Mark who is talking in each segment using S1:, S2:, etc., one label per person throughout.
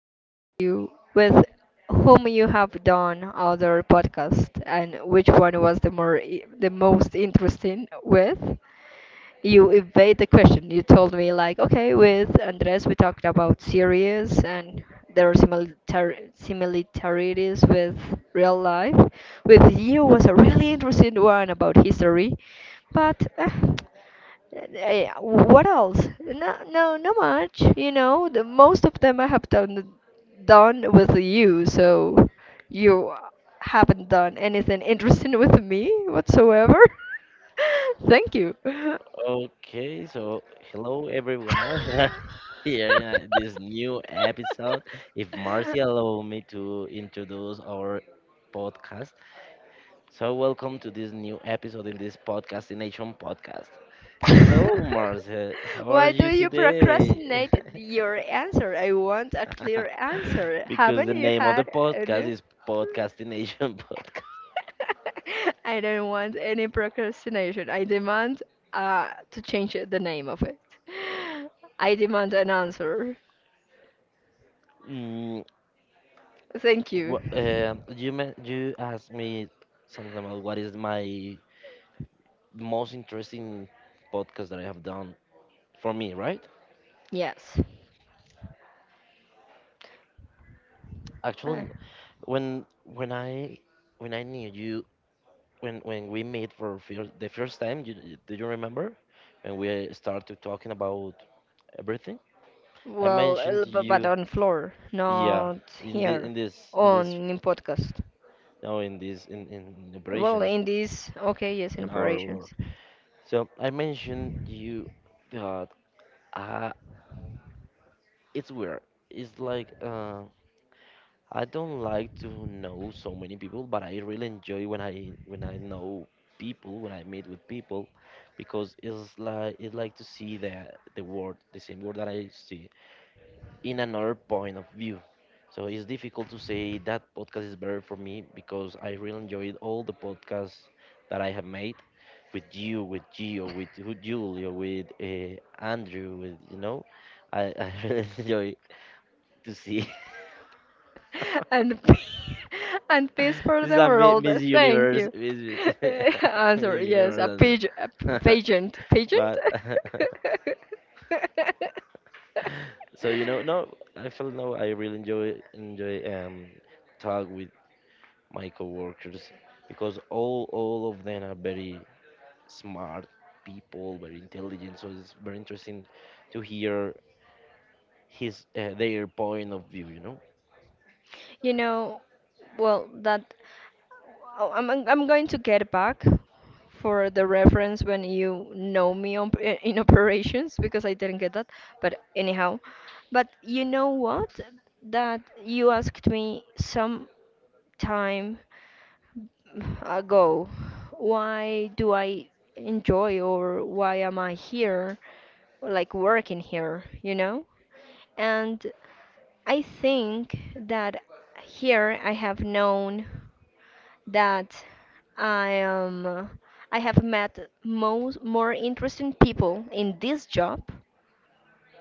S1: I asked you with whom you have done other podcasts and which one was the most interesting with? You evade the question. You told me like, okay, with Andres we talked about series and there are similar similarities with real life. With you was a really interesting one about history, but what else? No, no, not much. You know, the most of them I have done with you, so you haven't done anything interesting with me whatsoever. Thank you.
S2: Okay, so hello, everyone. We are Here in this new episode, if Marcy allow me to introduce our podcast, so welcome to this new episode in this podcastination podcast. Hello, Marcy. How are
S1: Why
S2: you
S1: do you
S2: today?
S1: procrastinate your answer? I want a clear answer.
S2: Because the
S1: Haven't you
S2: name of the
S1: had
S2: podcast
S1: any?
S2: is Podcastination Podcast.
S1: I don't want any procrastination. I demand to change the name of it. I demand an answer.
S2: Mm,
S1: Thank you.
S2: You asked me something about what is my most interesting podcast that I have done for me, right?
S1: Yes. Uh,
S2: Actually, when when I when I knew you when we meet for fir the first time, do you remember? When we started talking about everything, I
S1: Well,
S2: mentioned
S1: uh,
S2: to
S1: bu-
S2: you,
S1: but on floor,
S2: yeah,
S1: not
S2: in the
S1: here,
S2: in this in this
S1: on in podcast.
S2: no in this in
S1: Well,
S2: operations
S1: in this, okay, yes, in
S2: in our work.
S1: operations,
S2: So I mentioned you that. I It's weird. It's like I don't like to know so many people, but I really enjoy when I know people, when I meet with people, because it's like to see the world, the same world that I see in another point of view. So it's difficult to say that podcast is better for me because I really enjoyed all the podcasts that I have made with you, with Gio, with Julio, with Andrew, with you know, I really enjoy to see.
S1: and p- and peace for
S2: This is
S1: the
S2: a
S1: world.
S2: Miss
S1: Thank
S2: Universe,
S1: you.
S2: Miss,
S1: Answer
S2: Miss
S1: yes,
S2: Universe
S1: a
S2: answer.
S1: pigeon, pageant, pageant.
S2: But I feel no, I really enjoy talk with my coworkers because all of them are very smart people, very intelligent. So it's very interesting to hear his their point of view. You know?
S1: You know, well, that oh, I'm going to get back for the reference when you know me on, in operations because I didn't get that. But anyhow, but you know what? That you asked me some time ago, why do I enjoy or why am I here, like working here, you know? And I think that here I have known that I am I have met most more interesting people in this job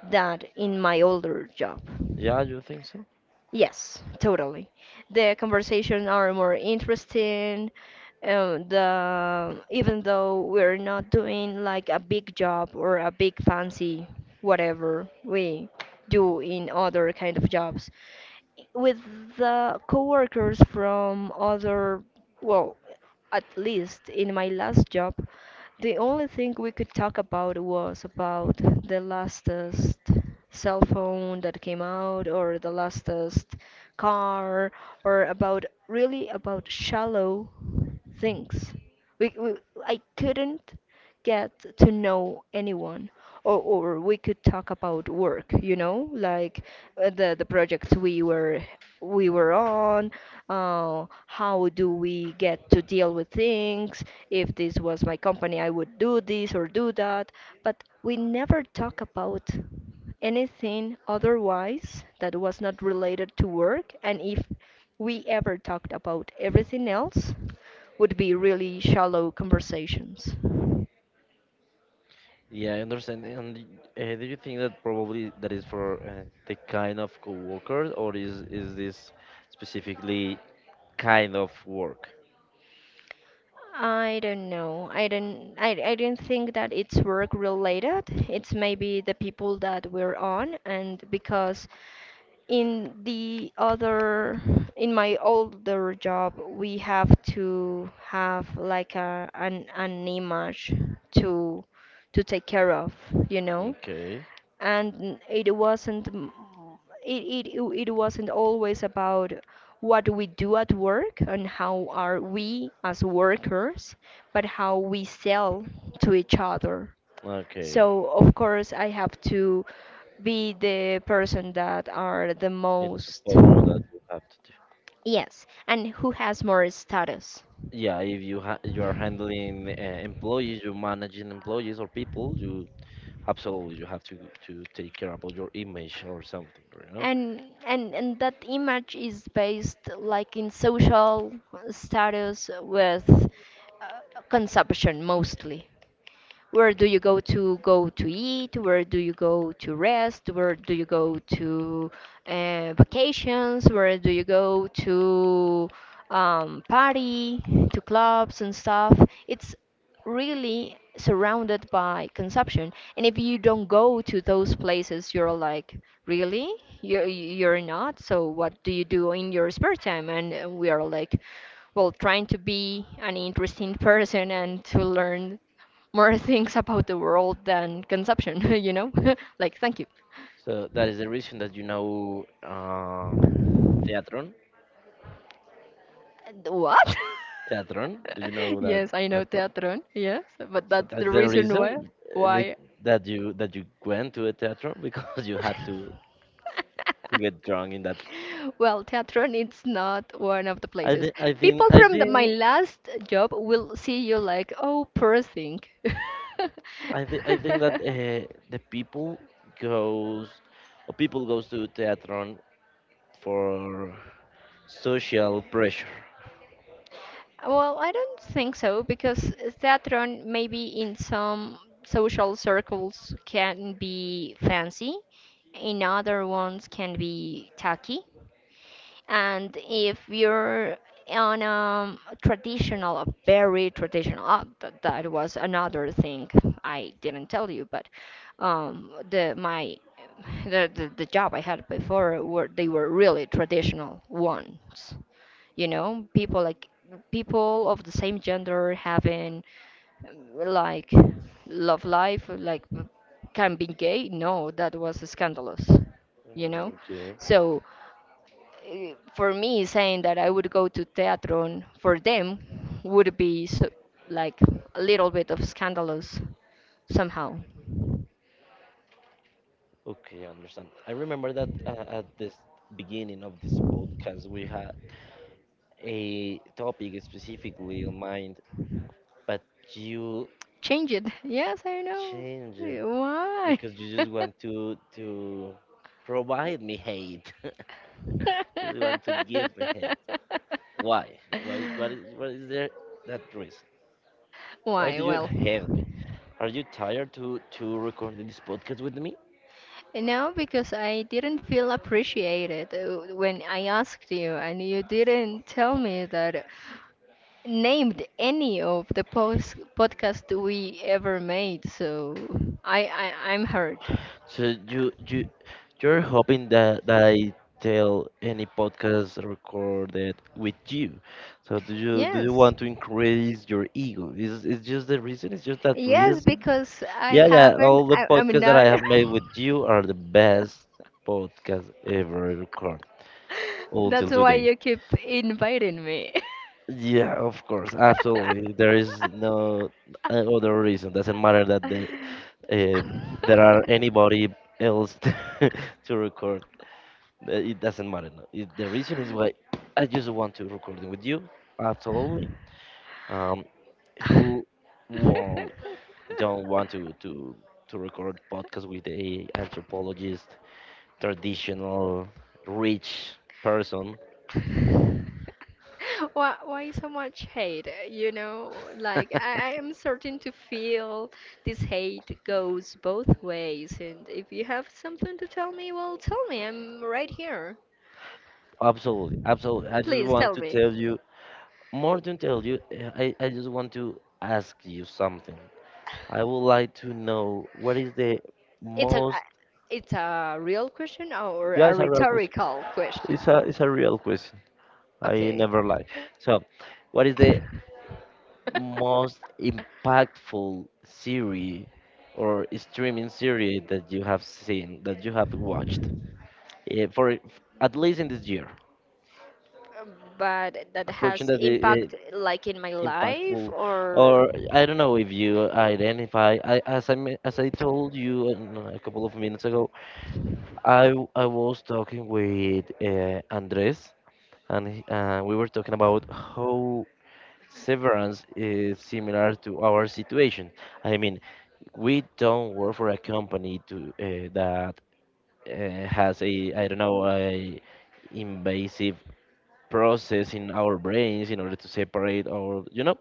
S1: than in my older job.
S2: Yeah, you think so?
S1: Yes, totally. The conversations are more interesting. The Even though we're not doing like a big job or a big fancy whatever we do in other kind of jobs, with the coworkers from other well at least in my last job, the only thing we could talk about was about the lastest cell phone that came out or the lastest car or about really about shallow things. We, I couldn't get to know anyone, or we could talk about work, you know, like the projects we were on. How do we get to deal with things? If this was my company, I would do this or do that, but we never talk about anything otherwise that was not related to work, and if we ever talked about everything else, would be really shallow conversations.
S2: Yeah, I understand. And do you think that probably that is for the kind of coworker, or is this specifically kind of work?
S1: I don't know. I don't think that it's work related. It's maybe the people that we're on and because in the other in my older job we have to have like an image to to take care of, you know?
S2: Okay,
S1: And it wasn't it wasn't always about what we do at work and how are we as workers but how we sell to each other,
S2: okay.
S1: so of course I have to be the person that are the
S2: It's
S1: most.
S2: supposed that you have to do.
S1: Yes, and who has more status.
S2: Yeah, if you are handling employees, you're managing employees or people, you absolutely you have to take care about your image or something, you know?
S1: And and and that image is based like in social status with consumption mostly. Where do you go to go to eat? Where do you go to rest? Where do you go to vacations? Where do you go to party, to clubs and stuff? It's really surrounded by consumption. And if you don't go to those places, you're like, really? You're not? So what do you do in your spare time? And we are like, well, trying to be an interesting person and to learn more things about the world than consumption, you know? Like, thank you.
S2: So that is the reason that you know Theatron.
S1: What?
S2: Theatron, do you know that?
S1: Yes, I know
S2: That,
S1: Teatron, yes, but
S2: so
S1: that's the
S2: that's the
S1: reason why.
S2: reason
S1: Why?
S2: that you went to a theater because you had to get drunk in that.
S1: Well, Teatron it's not one of the
S2: I
S1: places.
S2: think I
S1: People
S2: think I
S1: from the, my
S2: think
S1: last job will see you like, oh, poor thing.
S2: I think that the people goes or people goes to theater for social pressure.
S1: Well, I don't think so because theatron maybe in some social circles can be fancy, in other ones can be tacky. And if you're on a traditional, a very traditional, oh, that, that was another thing I didn't tell you, but the my the job I had before were they were really traditional ones, you know, people of the same gender having like love life like can be gay, no, that was scandalous, you know,
S2: Mm, okay.
S1: so for me saying that I would go to Teatron for them would be so, like a little bit of scandalous somehow.
S2: Okay, I understand. I remember that at this beginning of this podcast, we had a topic specifically in mind, but you
S1: Change it. Yes, I know.
S2: changed,
S1: Eh, why?
S2: because you just want to provide me hate. You just want to give me hate. Why? Why? What is there, that reason? Why
S1: Why?
S2: do you
S1: Well,
S2: hate me? Are you tired to recording this podcast with me?
S1: no, because I didn't feel appreciated when I asked you, and you didn't tell me that named any of the post podcast we ever made, so I'm hurt.
S2: So
S1: Uh,
S2: you you you're hoping that I tell any podcast recorded with you. So do you
S1: Yes,
S2: want to increase your ego? Is just the reason? Is just that
S1: yes,
S2: reason?
S1: because I
S2: Yeah, yeah.
S1: haven't.
S2: All the
S1: I'm
S2: podcasts that I
S1: not.
S2: have made with you are the best podcast ever recorded until
S1: That's why
S2: today.
S1: you keep inviting me.
S2: Yeah, of course, absolutely. There is no other reason. Doesn't matter that uh, there are anybody else to record. It doesn't matter. No. The reason is why I just want to record it with you. Absolutely. Um, who won't don't want to to record podcast with a anthropologist traditional rich person.
S1: Why so much hate? You know, like I am starting to feel this hate goes both ways. And if you have something to tell me, well, tell me. I'm right here.
S2: Absolutely, absolutely. I just
S1: Please
S2: want
S1: tell
S2: to
S1: me.
S2: tell you more than tell you. I just want to ask you something. I would like to know what is the
S1: It's a,
S2: most.
S1: I- it's a real question or
S2: Yeah,
S1: a
S2: it's a real question.
S1: rhetorical question?
S2: It's a real question. I
S1: Okay.
S2: never lie. So, what is the most impactful series or streaming series that you have seen that you have watched? For at least in this year,
S1: But that has
S2: approaching that
S1: impact, like in my life,
S2: impactful,
S1: or.
S2: or I don't know if you identify. I, as I me- as I told you a couple of minutes ago, I was talking with Andres, and we were talking about how Severance is similar to our situation. I mean, we don't work for a company to that has a, I don't know, a invasive process in our brains in order to separate our, you know,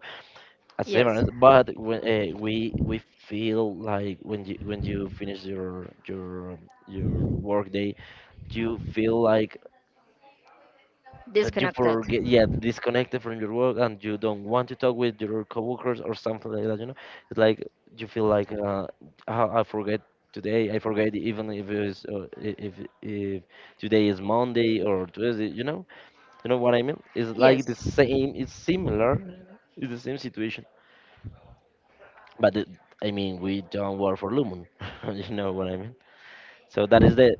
S2: a
S1: Yes,
S2: severance, but when we feel like when you finish your work day, you feel like that you
S1: disconnected.
S2: forget, yeah, disconnected from your work, and you don't want to talk with your coworkers or something like that. You know, it's like you feel like I forget today. I forget even if if today is Monday or Tuesday. You know what I mean? It's like the
S1: Yes.
S2: same. It's similar. It's the same situation. but the, I mean, we don't work for Lumen. You know what I mean? So that is the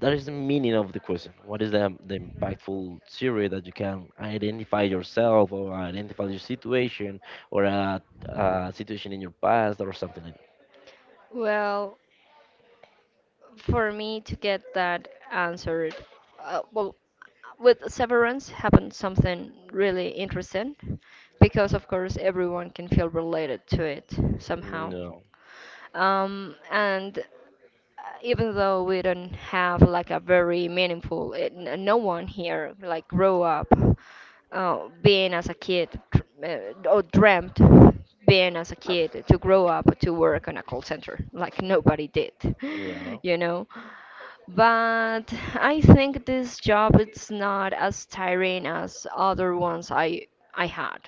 S2: that is the meaning of the question. What is the impactful theory that you can identify yourself or identify your situation or a, a situation in your past or something like that?
S1: Well, for me to get that answered, well, with severance happened something really interesting because, of course, everyone can feel related to it somehow.
S2: No.
S1: And Even though we don't have like a very meaningful, no one here like grow up being as a kid dr- or dreamt being as a kid to grow up to work on a call center. Like nobody did,
S2: Yeah.
S1: you know. But I think this job it's not as tiring as other ones I had.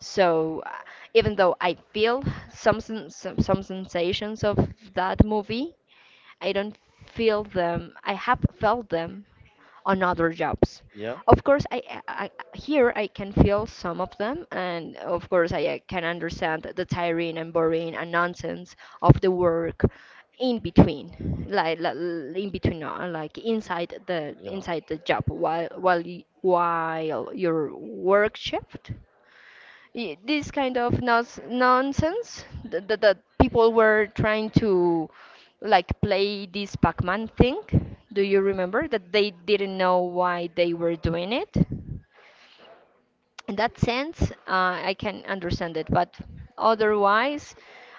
S1: So even though I feel some some sensations of that movie, I don't feel them. I have felt them on other jobs.
S2: Yeah.
S1: Of course, here I can feel some of them, and of course I can understand the tiring and boring and nonsense of the work in between, like in between, like
S2: Yeah.
S1: inside the job while your work shift this kind of nonsense that, that people were trying to like play this Pac-Man thing. Do you remember that they didn't know why they were doing it? In that sense, I can understand it. But otherwise,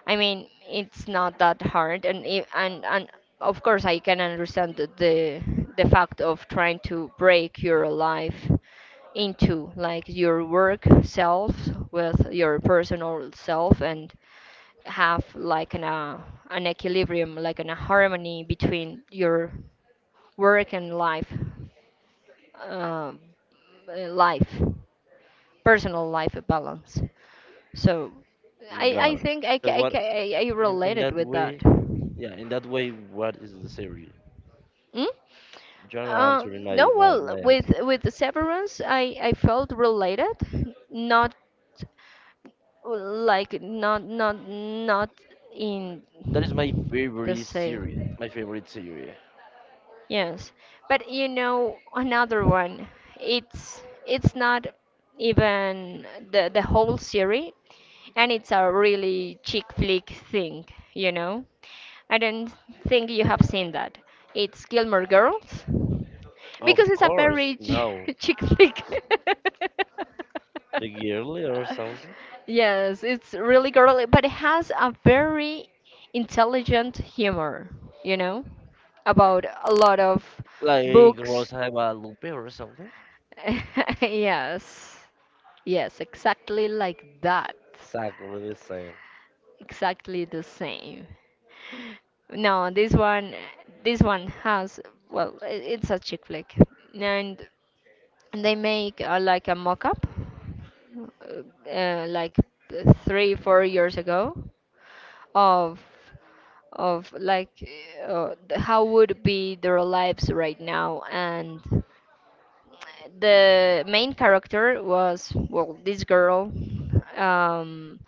S1: I mean, it's not that hard, and of course, I can understand the fact of trying to break your life into like your work self with your personal self and have like an equilibrium, like an, a harmony between your work and life, uh, life personal life balance. So I
S2: Got it.
S1: think I, ca-
S2: So
S1: I,
S2: what,
S1: ca- I
S2: in
S1: related
S2: that
S1: with that.
S2: way?
S1: Mm?
S2: Yeah. In that way, what is the theory? You're not answering
S1: No,
S2: my
S1: well,
S2: ask.
S1: with the severance, I felt related, not not in
S2: That is my
S1: the
S2: favorite
S1: sale.
S2: series. My favorite series.
S1: Yes, but you know another one. It's not even the whole series. And it's a really chick flick thing, you know. I don't think you have seen that. It's Gilmore Girls because
S2: Of
S1: it's a
S2: course,
S1: very
S2: no.
S1: chick flick.
S2: Like yearly or something.
S1: Yes, it's really girly, but it has a very intelligent humor, you know, about a lot of
S2: Like
S1: books.
S2: Rosa de Guadalupe or something.
S1: Yes, yes, exactly like that,
S2: Exactly the same.
S1: exactly the same. No, this one has, well, it's a chick flick, and they make like a mock-up, like three, 4 years ago, of of like how would be their lives right now, and the main character was well this girl, um,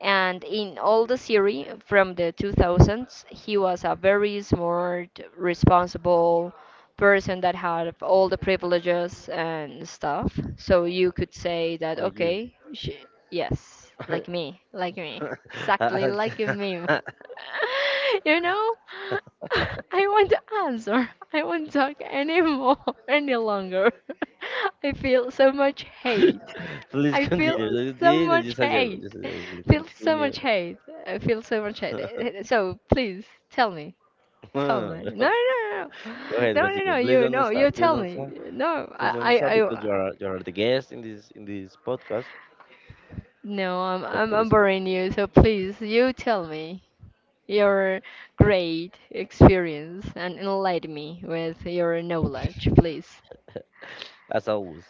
S1: and in all the series from the 2000s he was a very smart responsible person that had all the privileges and stuff, so you could say that
S2: Like you.
S1: okay she, yes, like me, like me, exactly like me. You know, I want to answer, I won't talk anymore, any longer. I feel so much
S2: Please
S1: hate.
S2: continue. Please
S1: I feel so
S2: continue.
S1: much
S2: Just a joke. Just
S1: hate.
S2: a joke. Please
S1: Feel so
S2: continue.
S1: much hate. I feel so much hate. Eh, so please tell me. Tell me. No, no, no, no,
S2: Go ahead,
S1: no, no, no,
S2: continue. Please
S1: you
S2: don't
S1: no. You
S2: stop. Please
S1: tell
S2: don't
S1: me.
S2: stop.
S1: No,
S2: Please don't stop because
S1: I
S2: you are the guest in this podcast.
S1: no.
S2: So
S1: I'm
S2: please,
S1: boring you. So please, you tell me your great experience and enlighten me with your knowledge, please.
S2: as always.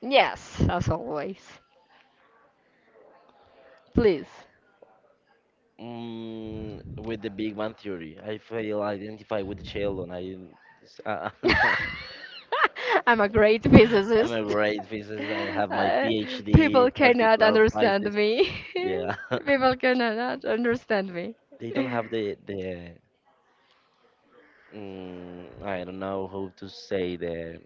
S1: Yes, as always. Please.
S2: Mm, with the Big Bang Theory, I feel identified with Sheldon. I'm not.
S1: I'm a great
S2: I'm
S1: physicist.
S2: a great physicist. I have my
S1: Uh,
S2: PhD,
S1: people cannot
S2: particular
S1: understand
S2: physics.
S1: me.
S2: Yeah,
S1: People cannot understand me.
S2: they don't have the I don't know how to say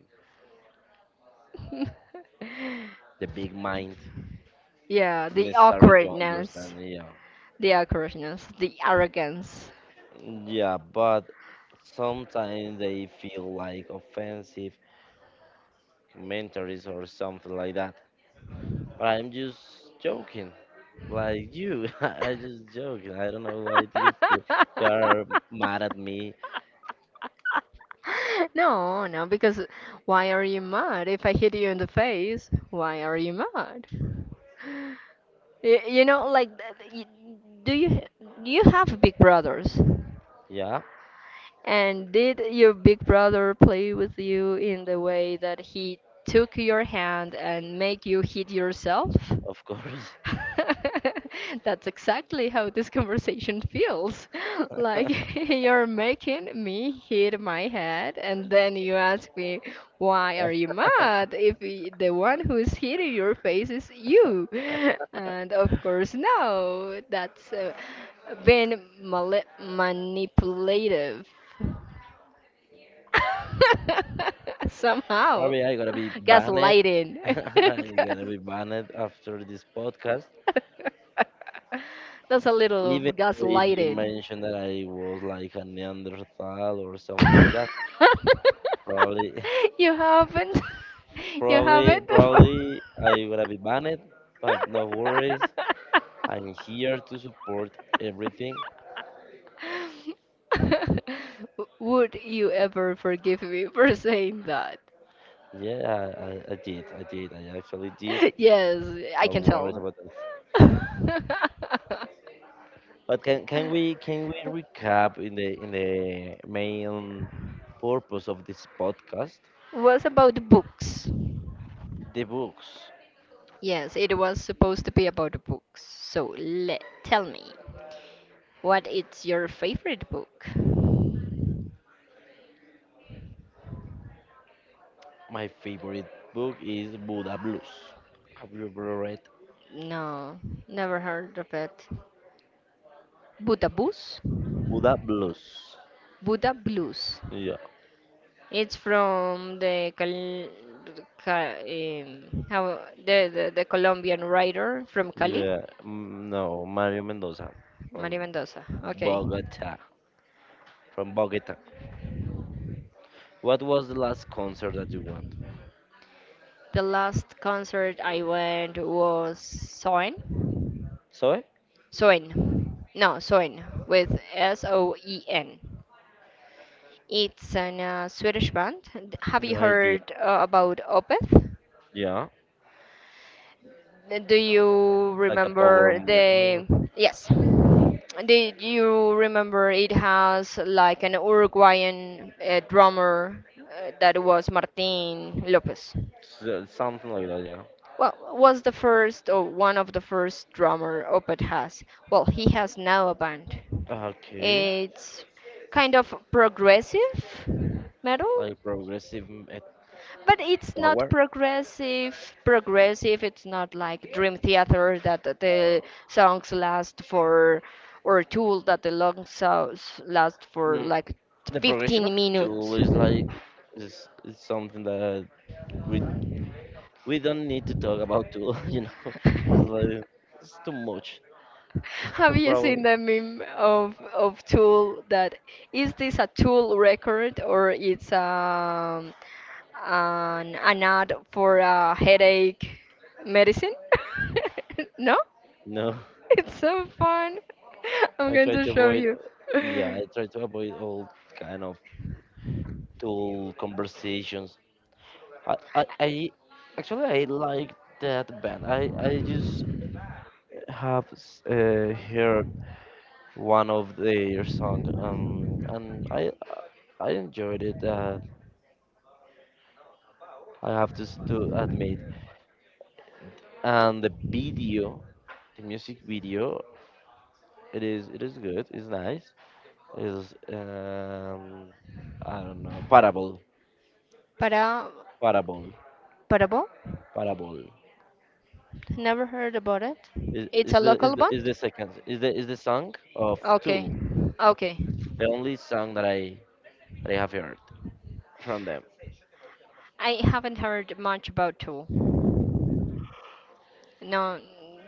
S2: the big mind
S1: Yeah, the
S2: necessary to
S1: awkwardness,
S2: understand. Yeah,
S1: the awkwardness, the arrogance.
S2: yeah, but sometimes they feel like offensive commentaries or something like that. But I'm just joking. Like you, I just joke. I don't know why do you feel you are mad at me.
S1: No, no, because why are you mad? If I hit you in the face, why are you mad? You know, like, do you you have big brothers?
S2: Yeah,
S1: And did your big brother play with you in the way that he took your hand and make you hit yourself?
S2: of course.
S1: That's exactly how this conversation feels. Like you're making me hit my head, and then you ask me, why are you mad if the one who's hitting your face is you? And of course, no, that's been manipulative somehow.
S2: Probably I gotta be banned.
S1: Gaslighting.
S2: You gotta be banned after this podcast.
S1: That's a little of
S2: Even if you
S1: gaslighting.
S2: mentioned that I was like a Neanderthal or something like that, probably,
S1: you haven't. You haven't.
S2: probably I gotta be banned. But no worries. I'm here to support everything.
S1: Would you ever forgive me for saying that?
S2: Yeah, I did. I did. I actually did.
S1: Yes, I
S2: No
S1: can
S2: worries
S1: tell.
S2: about that. But can can we recap in the main purpose of this podcast?
S1: was about books.
S2: The books.
S1: Yes, it was supposed to be about books. So let tell me, what is your favorite book?
S2: My favorite book is Buddha Blues. Have you ever read
S1: No, never heard of it. Buddha Blues?
S2: Buddha Blues?
S1: Buddha Blues.
S2: Yeah,
S1: It's from the how, the Colombian writer from Cali,
S2: yeah. Mm, no, Mario Mendoza
S1: Maria
S2: from
S1: Mendoza. Okay.
S2: Bogota. From Bogota. What was the last concert that you went?
S1: The last concert I went was Soen.
S2: Sorry?
S1: Soen. No, Soen with SOEN. It's an Swedish band. Have you
S2: No idea.
S1: heard about Opeth?
S2: Yeah,
S1: Do you
S2: like a power
S1: remember the
S2: metal,
S1: yes. Did you remember it has like an Uruguayan drummer that was Martin Lopez?
S2: something like that. Yeah.
S1: Well, was the first or one of the first drummer Opeth has. Well, he has now a band.
S2: Okay,
S1: It's kind of progressive metal,
S2: like progressive metal.
S1: but it's not
S2: Power.
S1: progressive. Progressive, it's not like Dream Theater that the songs last for, or Tool that the long songs last for
S2: Mm,
S1: like
S2: the progression of
S1: 15
S2: tool
S1: minutes.
S2: is is something that we we don't need to talk about tool. You know, it's like it's too much.
S1: Have you
S2: Probably
S1: seen the meme of tool that is this a tool record or it's an ad for a headache medicine? No?
S2: no.
S1: It's so fun. I'm
S2: i
S1: going
S2: try
S1: to
S2: to
S1: show
S2: avoid
S1: you.
S2: yeah I try to avoid all kind of tool conversations. I actually I like that band. I just have heard one of their song, and I enjoyed it, I have to, to admit. And the video, the music video, it is good. It's nice. It's I don't know.
S1: Para
S2: Parable,
S1: Parabo?
S2: Parable.
S1: Never heard about it. It's
S2: Is
S1: a
S2: the is
S1: local
S2: the is
S1: band?
S2: the second, is the song of
S1: Okay,
S2: Tool.
S1: okay.
S2: The only song that I have heard from them.
S1: I haven't heard much about Tool. No,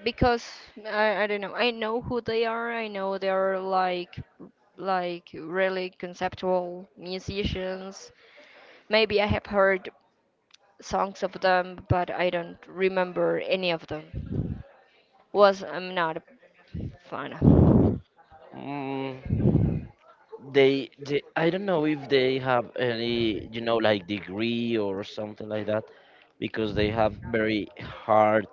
S1: because I don't know. I know who they are. I know they are like really conceptual musicians. Maybe I have heard songs of them, but I don't remember any of them. Was I'm not a fan.
S2: Mm, they I don't know if they have any, you know, like degree or something like that, because they have very hard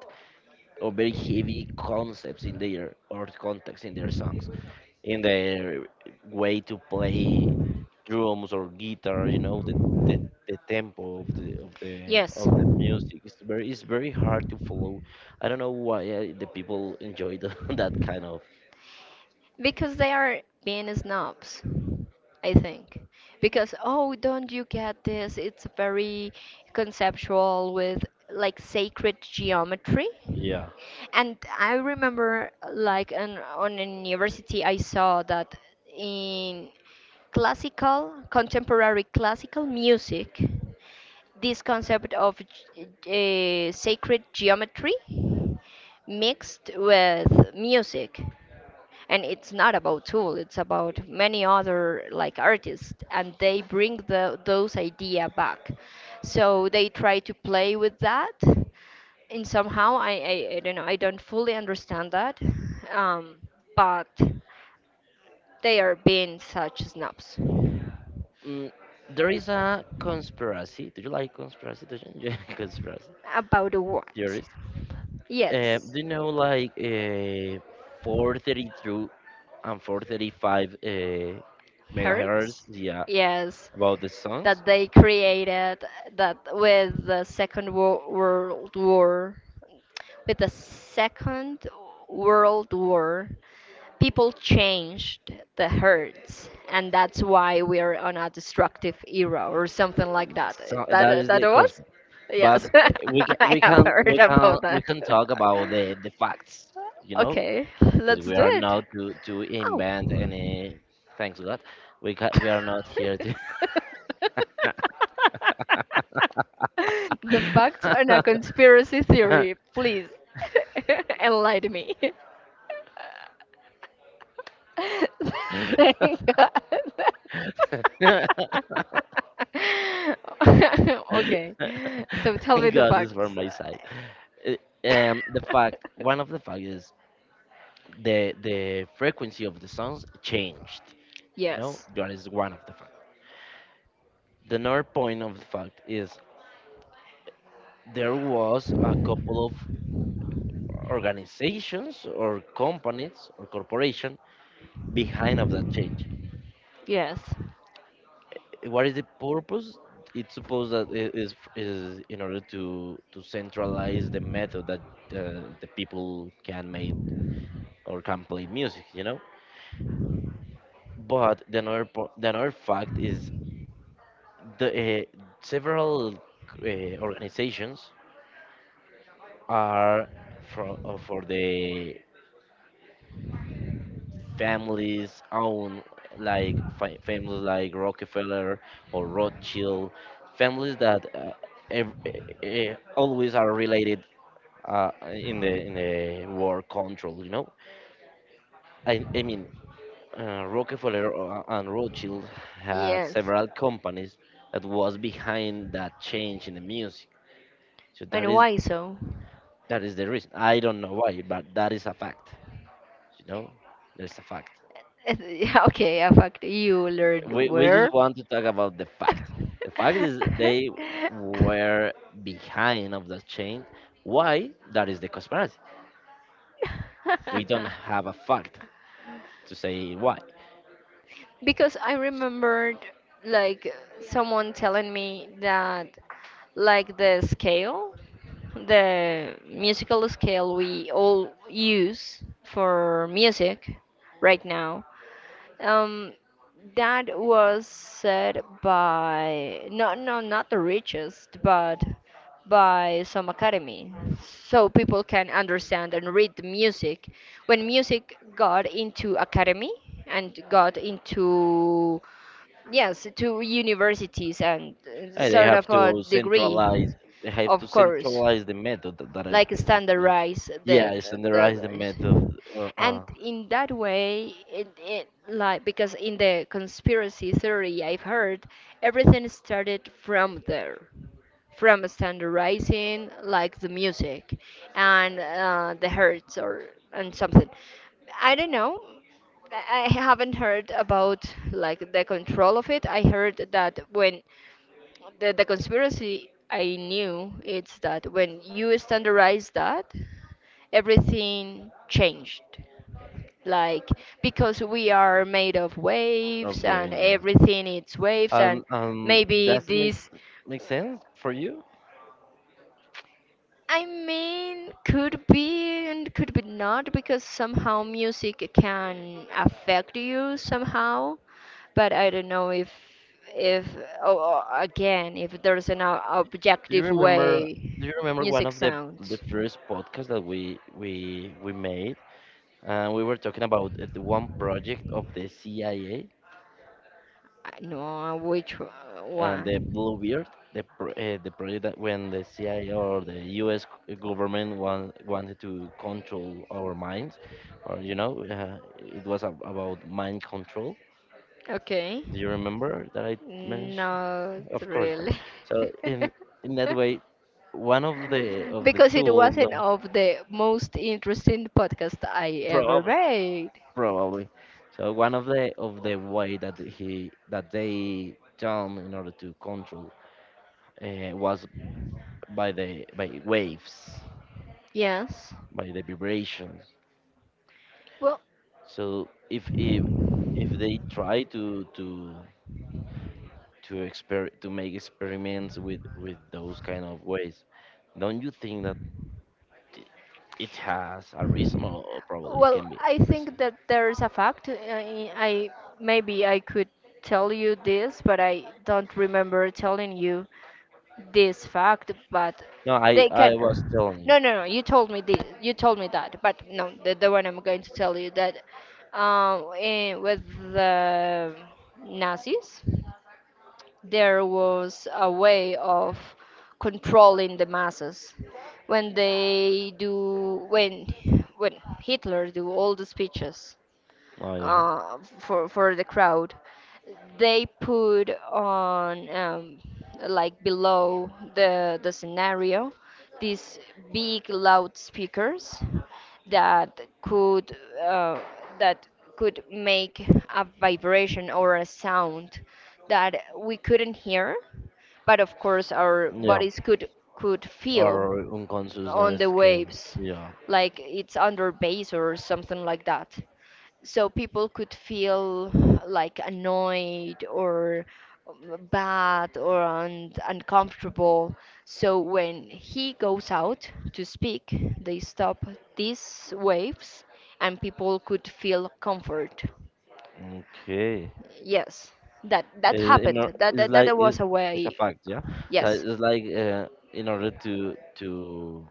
S2: or very heavy concepts in their, or context in their songs, in their way to play drums or guitar. You know the, the tempo of the of the
S1: Yes.
S2: of the music. It's very hard to follow. I don't know why the people enjoy that kind of.
S1: Because they are being snobs, I think. Because, oh, don't you get this? It's very conceptual with like sacred geometry.
S2: Yeah.
S1: And I remember, like, an, on a university, I saw that in classical, contemporary classical music, this concept of sacred geometry mixed with music. And it's not about Tool, it's about many other like artists, and they bring the, those idea back. So they try to play with that, and somehow I don't know I don't fully understand that, um, but they are being such snobs
S2: Mm, there is a conspiracy. Do you like conspiracy? Do you enjoy conspiracy
S1: about what?
S2: theories?
S1: Yes,
S2: Do you know like 432 and 435
S1: heard.
S2: megahertz. Yeah,
S1: Yes,
S2: about the songs.
S1: that they created that with the World War. With the Second World War, people changed the herds, and that's why we are on a destructive era or something like that.
S2: So that
S1: That
S2: is
S1: that
S2: the
S1: was?
S2: question. But
S1: Yes,
S2: we can
S1: I
S2: we
S1: have
S2: can
S1: heard
S2: we can
S1: about
S2: we
S1: that.
S2: can talk about the facts, you know,
S1: Okay,
S2: because
S1: let's
S2: we
S1: do
S2: are
S1: it.
S2: not to
S1: Oh.
S2: invent any. Thanks God, we are not here to.
S1: the facts
S2: God
S1: are not conspiracy theory. Please enlighten me. Thank God. okay, so tell me the
S2: is from
S1: facts.
S2: my side. The fact, one of the facts is the frequency of the sounds changed. You know,
S1: Yes,
S2: that is one of the fact. The another point of the fact is there was a couple of organizations or companies or corporation behind of that change.
S1: yes,
S2: What is the purpose? It's supposed that it is in order to centralize the method that the people can make or can play music. But the the another fact is the several organizations are for the families own like families like Rockefeller or Rothschild families that always are related in the war control, you know. I mean, Rockefeller and Rothschild had
S1: yes.
S2: several companies that was behind that change in the music. so that
S1: And
S2: is
S1: why so?
S2: That is the reason. I don't know why, but that is a fact. You know, there's a fact.
S1: Yeah, okay, yeah, fact. You learned
S2: We just
S1: where?
S2: want to talk about the fact. The fact is they were behind of the chain. Why? That is the conspiracy. We don't have a fact to say why.
S1: Because I remembered like someone telling me that like the scale, the musical scale we all use for music right now um, that was said by not the richest, but by some academy, so people can understand and read the music. When music got into academy and got into yes, to universities and
S2: They
S1: sort
S2: have
S1: of a
S2: to
S1: degree,
S2: centralize. They have to
S1: of course
S2: centralize the method that I
S1: like
S2: was mentioned.
S1: standardize
S2: Yeah, standardize the method
S1: the
S2: or
S1: and in that way it like because in the conspiracy theory I've heard everything started from there from standardizing like the music and the hertz or and something I don't know I haven't heard about like the control of it. I heard that when the conspiracy I knew it's that when you standardize that, everything changed. Like because we are made of
S2: of
S1: waves
S2: where.
S1: and
S2: Yeah.
S1: everything it's waves
S2: Um,
S1: and
S2: um,
S1: maybe
S2: does it make
S1: this
S2: make sense for you?
S1: I mean could be and could be not because somehow music can affect you somehow but I don't know if oh, again if there's an
S2: Do you
S1: objective
S2: remember? Do
S1: way
S2: you remember one
S1: music
S2: of the
S1: sounds.
S2: first podcasts that we made? We were talking about the one project of the CIA
S1: I know which one?
S2: and the Bluebeard, the project that when the CIA or the U.S. government wanted to control our minds, or you know, about mind control.
S1: Okay.
S2: Do you remember that I mentioned?
S1: Not
S2: Of course, no.
S1: really.
S2: So in in that way, one of the
S1: Because it
S2: tool.
S1: wasn't of the most interesting podcast I ever
S2: Probably,
S1: made.
S2: probably. So one of the way that he that they done in order to control, was by the by waves,
S1: Yes.
S2: by the vibrations.
S1: Well.
S2: So if they try to exper to make experiments with those kind of ways, don't you think that i- it has a reason, or probably it
S1: Well,
S2: can be
S1: I
S2: reason?
S1: think that there is a fact. I maybe I could tell you this, but I don't remember telling you this fact. But
S2: No, I
S1: they
S2: I was
S1: can.
S2: telling you.
S1: No, no, no. You told me this. You told me that. But no, the one I'm going to tell you that with the Nazis there was a way of controlling the masses. When they do, when when Hitler do all the speeches,
S2: Oh yeah,
S1: for the crowd. They put on like below the scenario these big loudspeakers that could uh, that could make a vibration or a sound that we couldn't hear, but of course our
S2: yeah.
S1: bodies could feel
S2: Our
S1: on
S2: unconsciousness
S1: the
S2: can,
S1: waves
S2: yeah.
S1: like it's under bass or something like that so people could feel like annoyed or bad or uncomfortable. So when he goes out to speak, they stop these waves and people could feel comfort.
S2: Okay.
S1: Yes, that that
S2: Is in
S1: happened.
S2: or, it's like
S1: That was a
S2: it's a
S1: way.
S2: fact, yeah. Like,
S1: Yes.
S2: it's like in order to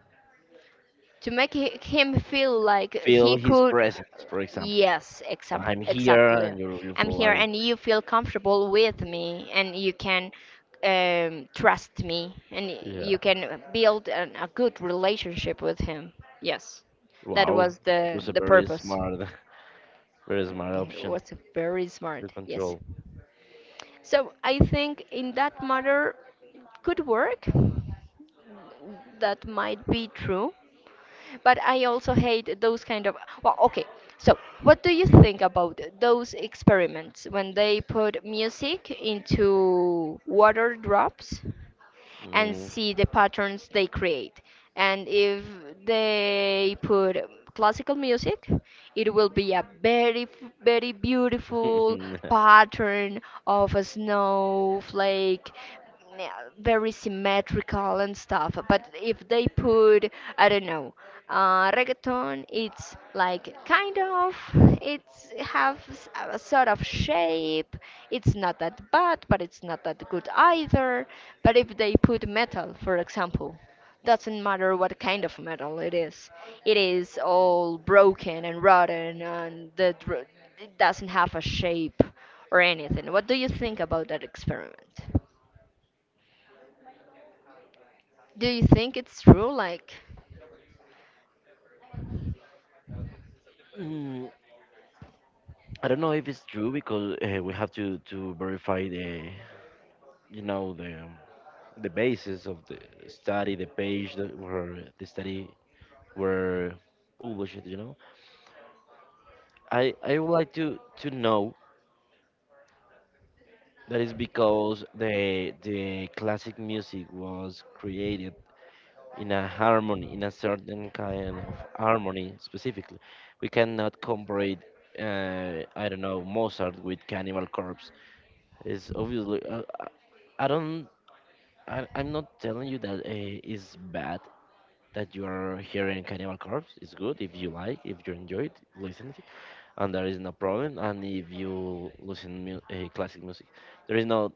S1: To make him feel like
S2: feel
S1: he
S2: his
S1: could.
S2: presence, for example.
S1: Yes,
S2: So I'm here,
S1: exactly.
S2: and you
S1: I'm
S2: feel
S1: here
S2: like
S1: and you feel comfortable with me and you can trust me and
S2: yeah,
S1: you can build a good relationship with him. Yes, that
S2: wow,
S1: was
S2: that was a
S1: the
S2: very
S1: purpose.
S2: smart, very smart
S1: It
S2: option
S1: was very
S2: to
S1: smart, yes.
S2: control.
S1: So I think in that matter, could work. That might be true but I also hate those kind of well okay so what do you think about those experiments when they put music into water drops and
S2: Mm.
S1: see the patterns they create and if they put classical music it will be a very beautiful pattern of a snowflake, yeah, very symmetrical and stuff. But if they put, I don't know, reggaeton, it's like kind of, it's have a sort of shape. It's not that bad, but it's not that good either. But if they put metal, for example. Doesn't matter what kind of metal it is. It is all broken and rotten and the it doesn't have a shape or anything. What do you think about that experiment? Do you think it's true? Like,
S2: Mm, I don't know if it's true because we have to verify the, you know, the basis of the study, the page that where the study were published, you know. I would like to know that is because the classic music was created in a harmony, in a certain kind of harmony specifically. We cannot compare it, I don't know, Mozart with Cannibal Corpse. It's obviously, I don't, I, I'm not telling you that it's bad that you are hearing Cannibal Corpse. It's good if you like, if you enjoy it, listen it, and there is no problem. And if you listen classic music, there is no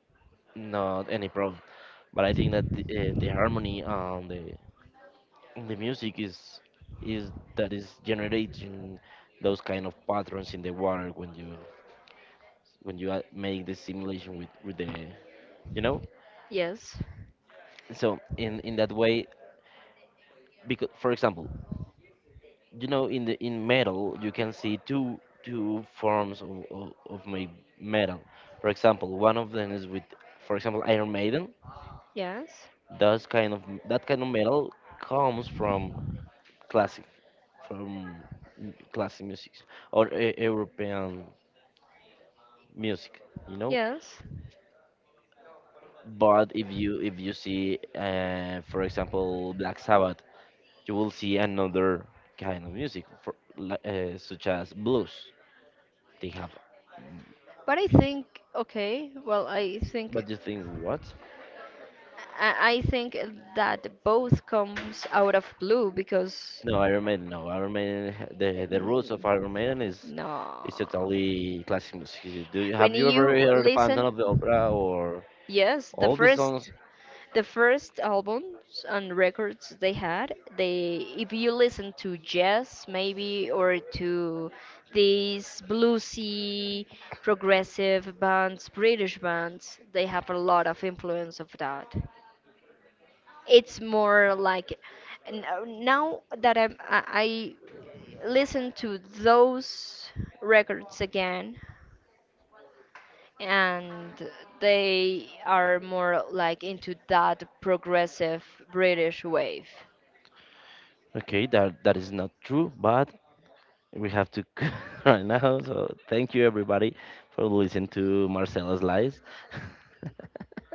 S2: not any problem. But I think that the harmony on the music is that is generating those kind of patterns in the water when you make the simulation with the, you know.
S1: yes,
S2: So in that way, because for example, you know, in the in metal you can see two forms of, metal. For example, one of them is with, for example, Iron Maiden.
S1: yes,
S2: Those kind of, that kind of metal comes from classic, from classic music or european music, you know.
S1: yes.
S2: But if you see, for example, Black Sabbath, you will see another kind of music for, such as blues they have.
S1: But I think, okay, well, I think.
S2: But you think what?
S1: I think that both comes out of blue because
S2: No, Iron Maiden. No, Iron Maiden. The roots of
S1: mm,
S2: Iron Maiden is
S1: no.
S2: totally classic music. Do you,
S1: When
S2: have you ever
S1: you
S2: heard the Phantom
S1: listen.
S2: of the Opera or
S1: Yes,
S2: all the songs?
S1: the first albums and records they had, they if you listen to jazz maybe or to these bluesy progressive bands, British bands, they have a lot of influence of that. It's more like now that I listen to those records again and they are more like into that progressive British wave.
S2: Okay, that that is not true, but we have to right now. So thank you everybody for listening to Marcela's lies.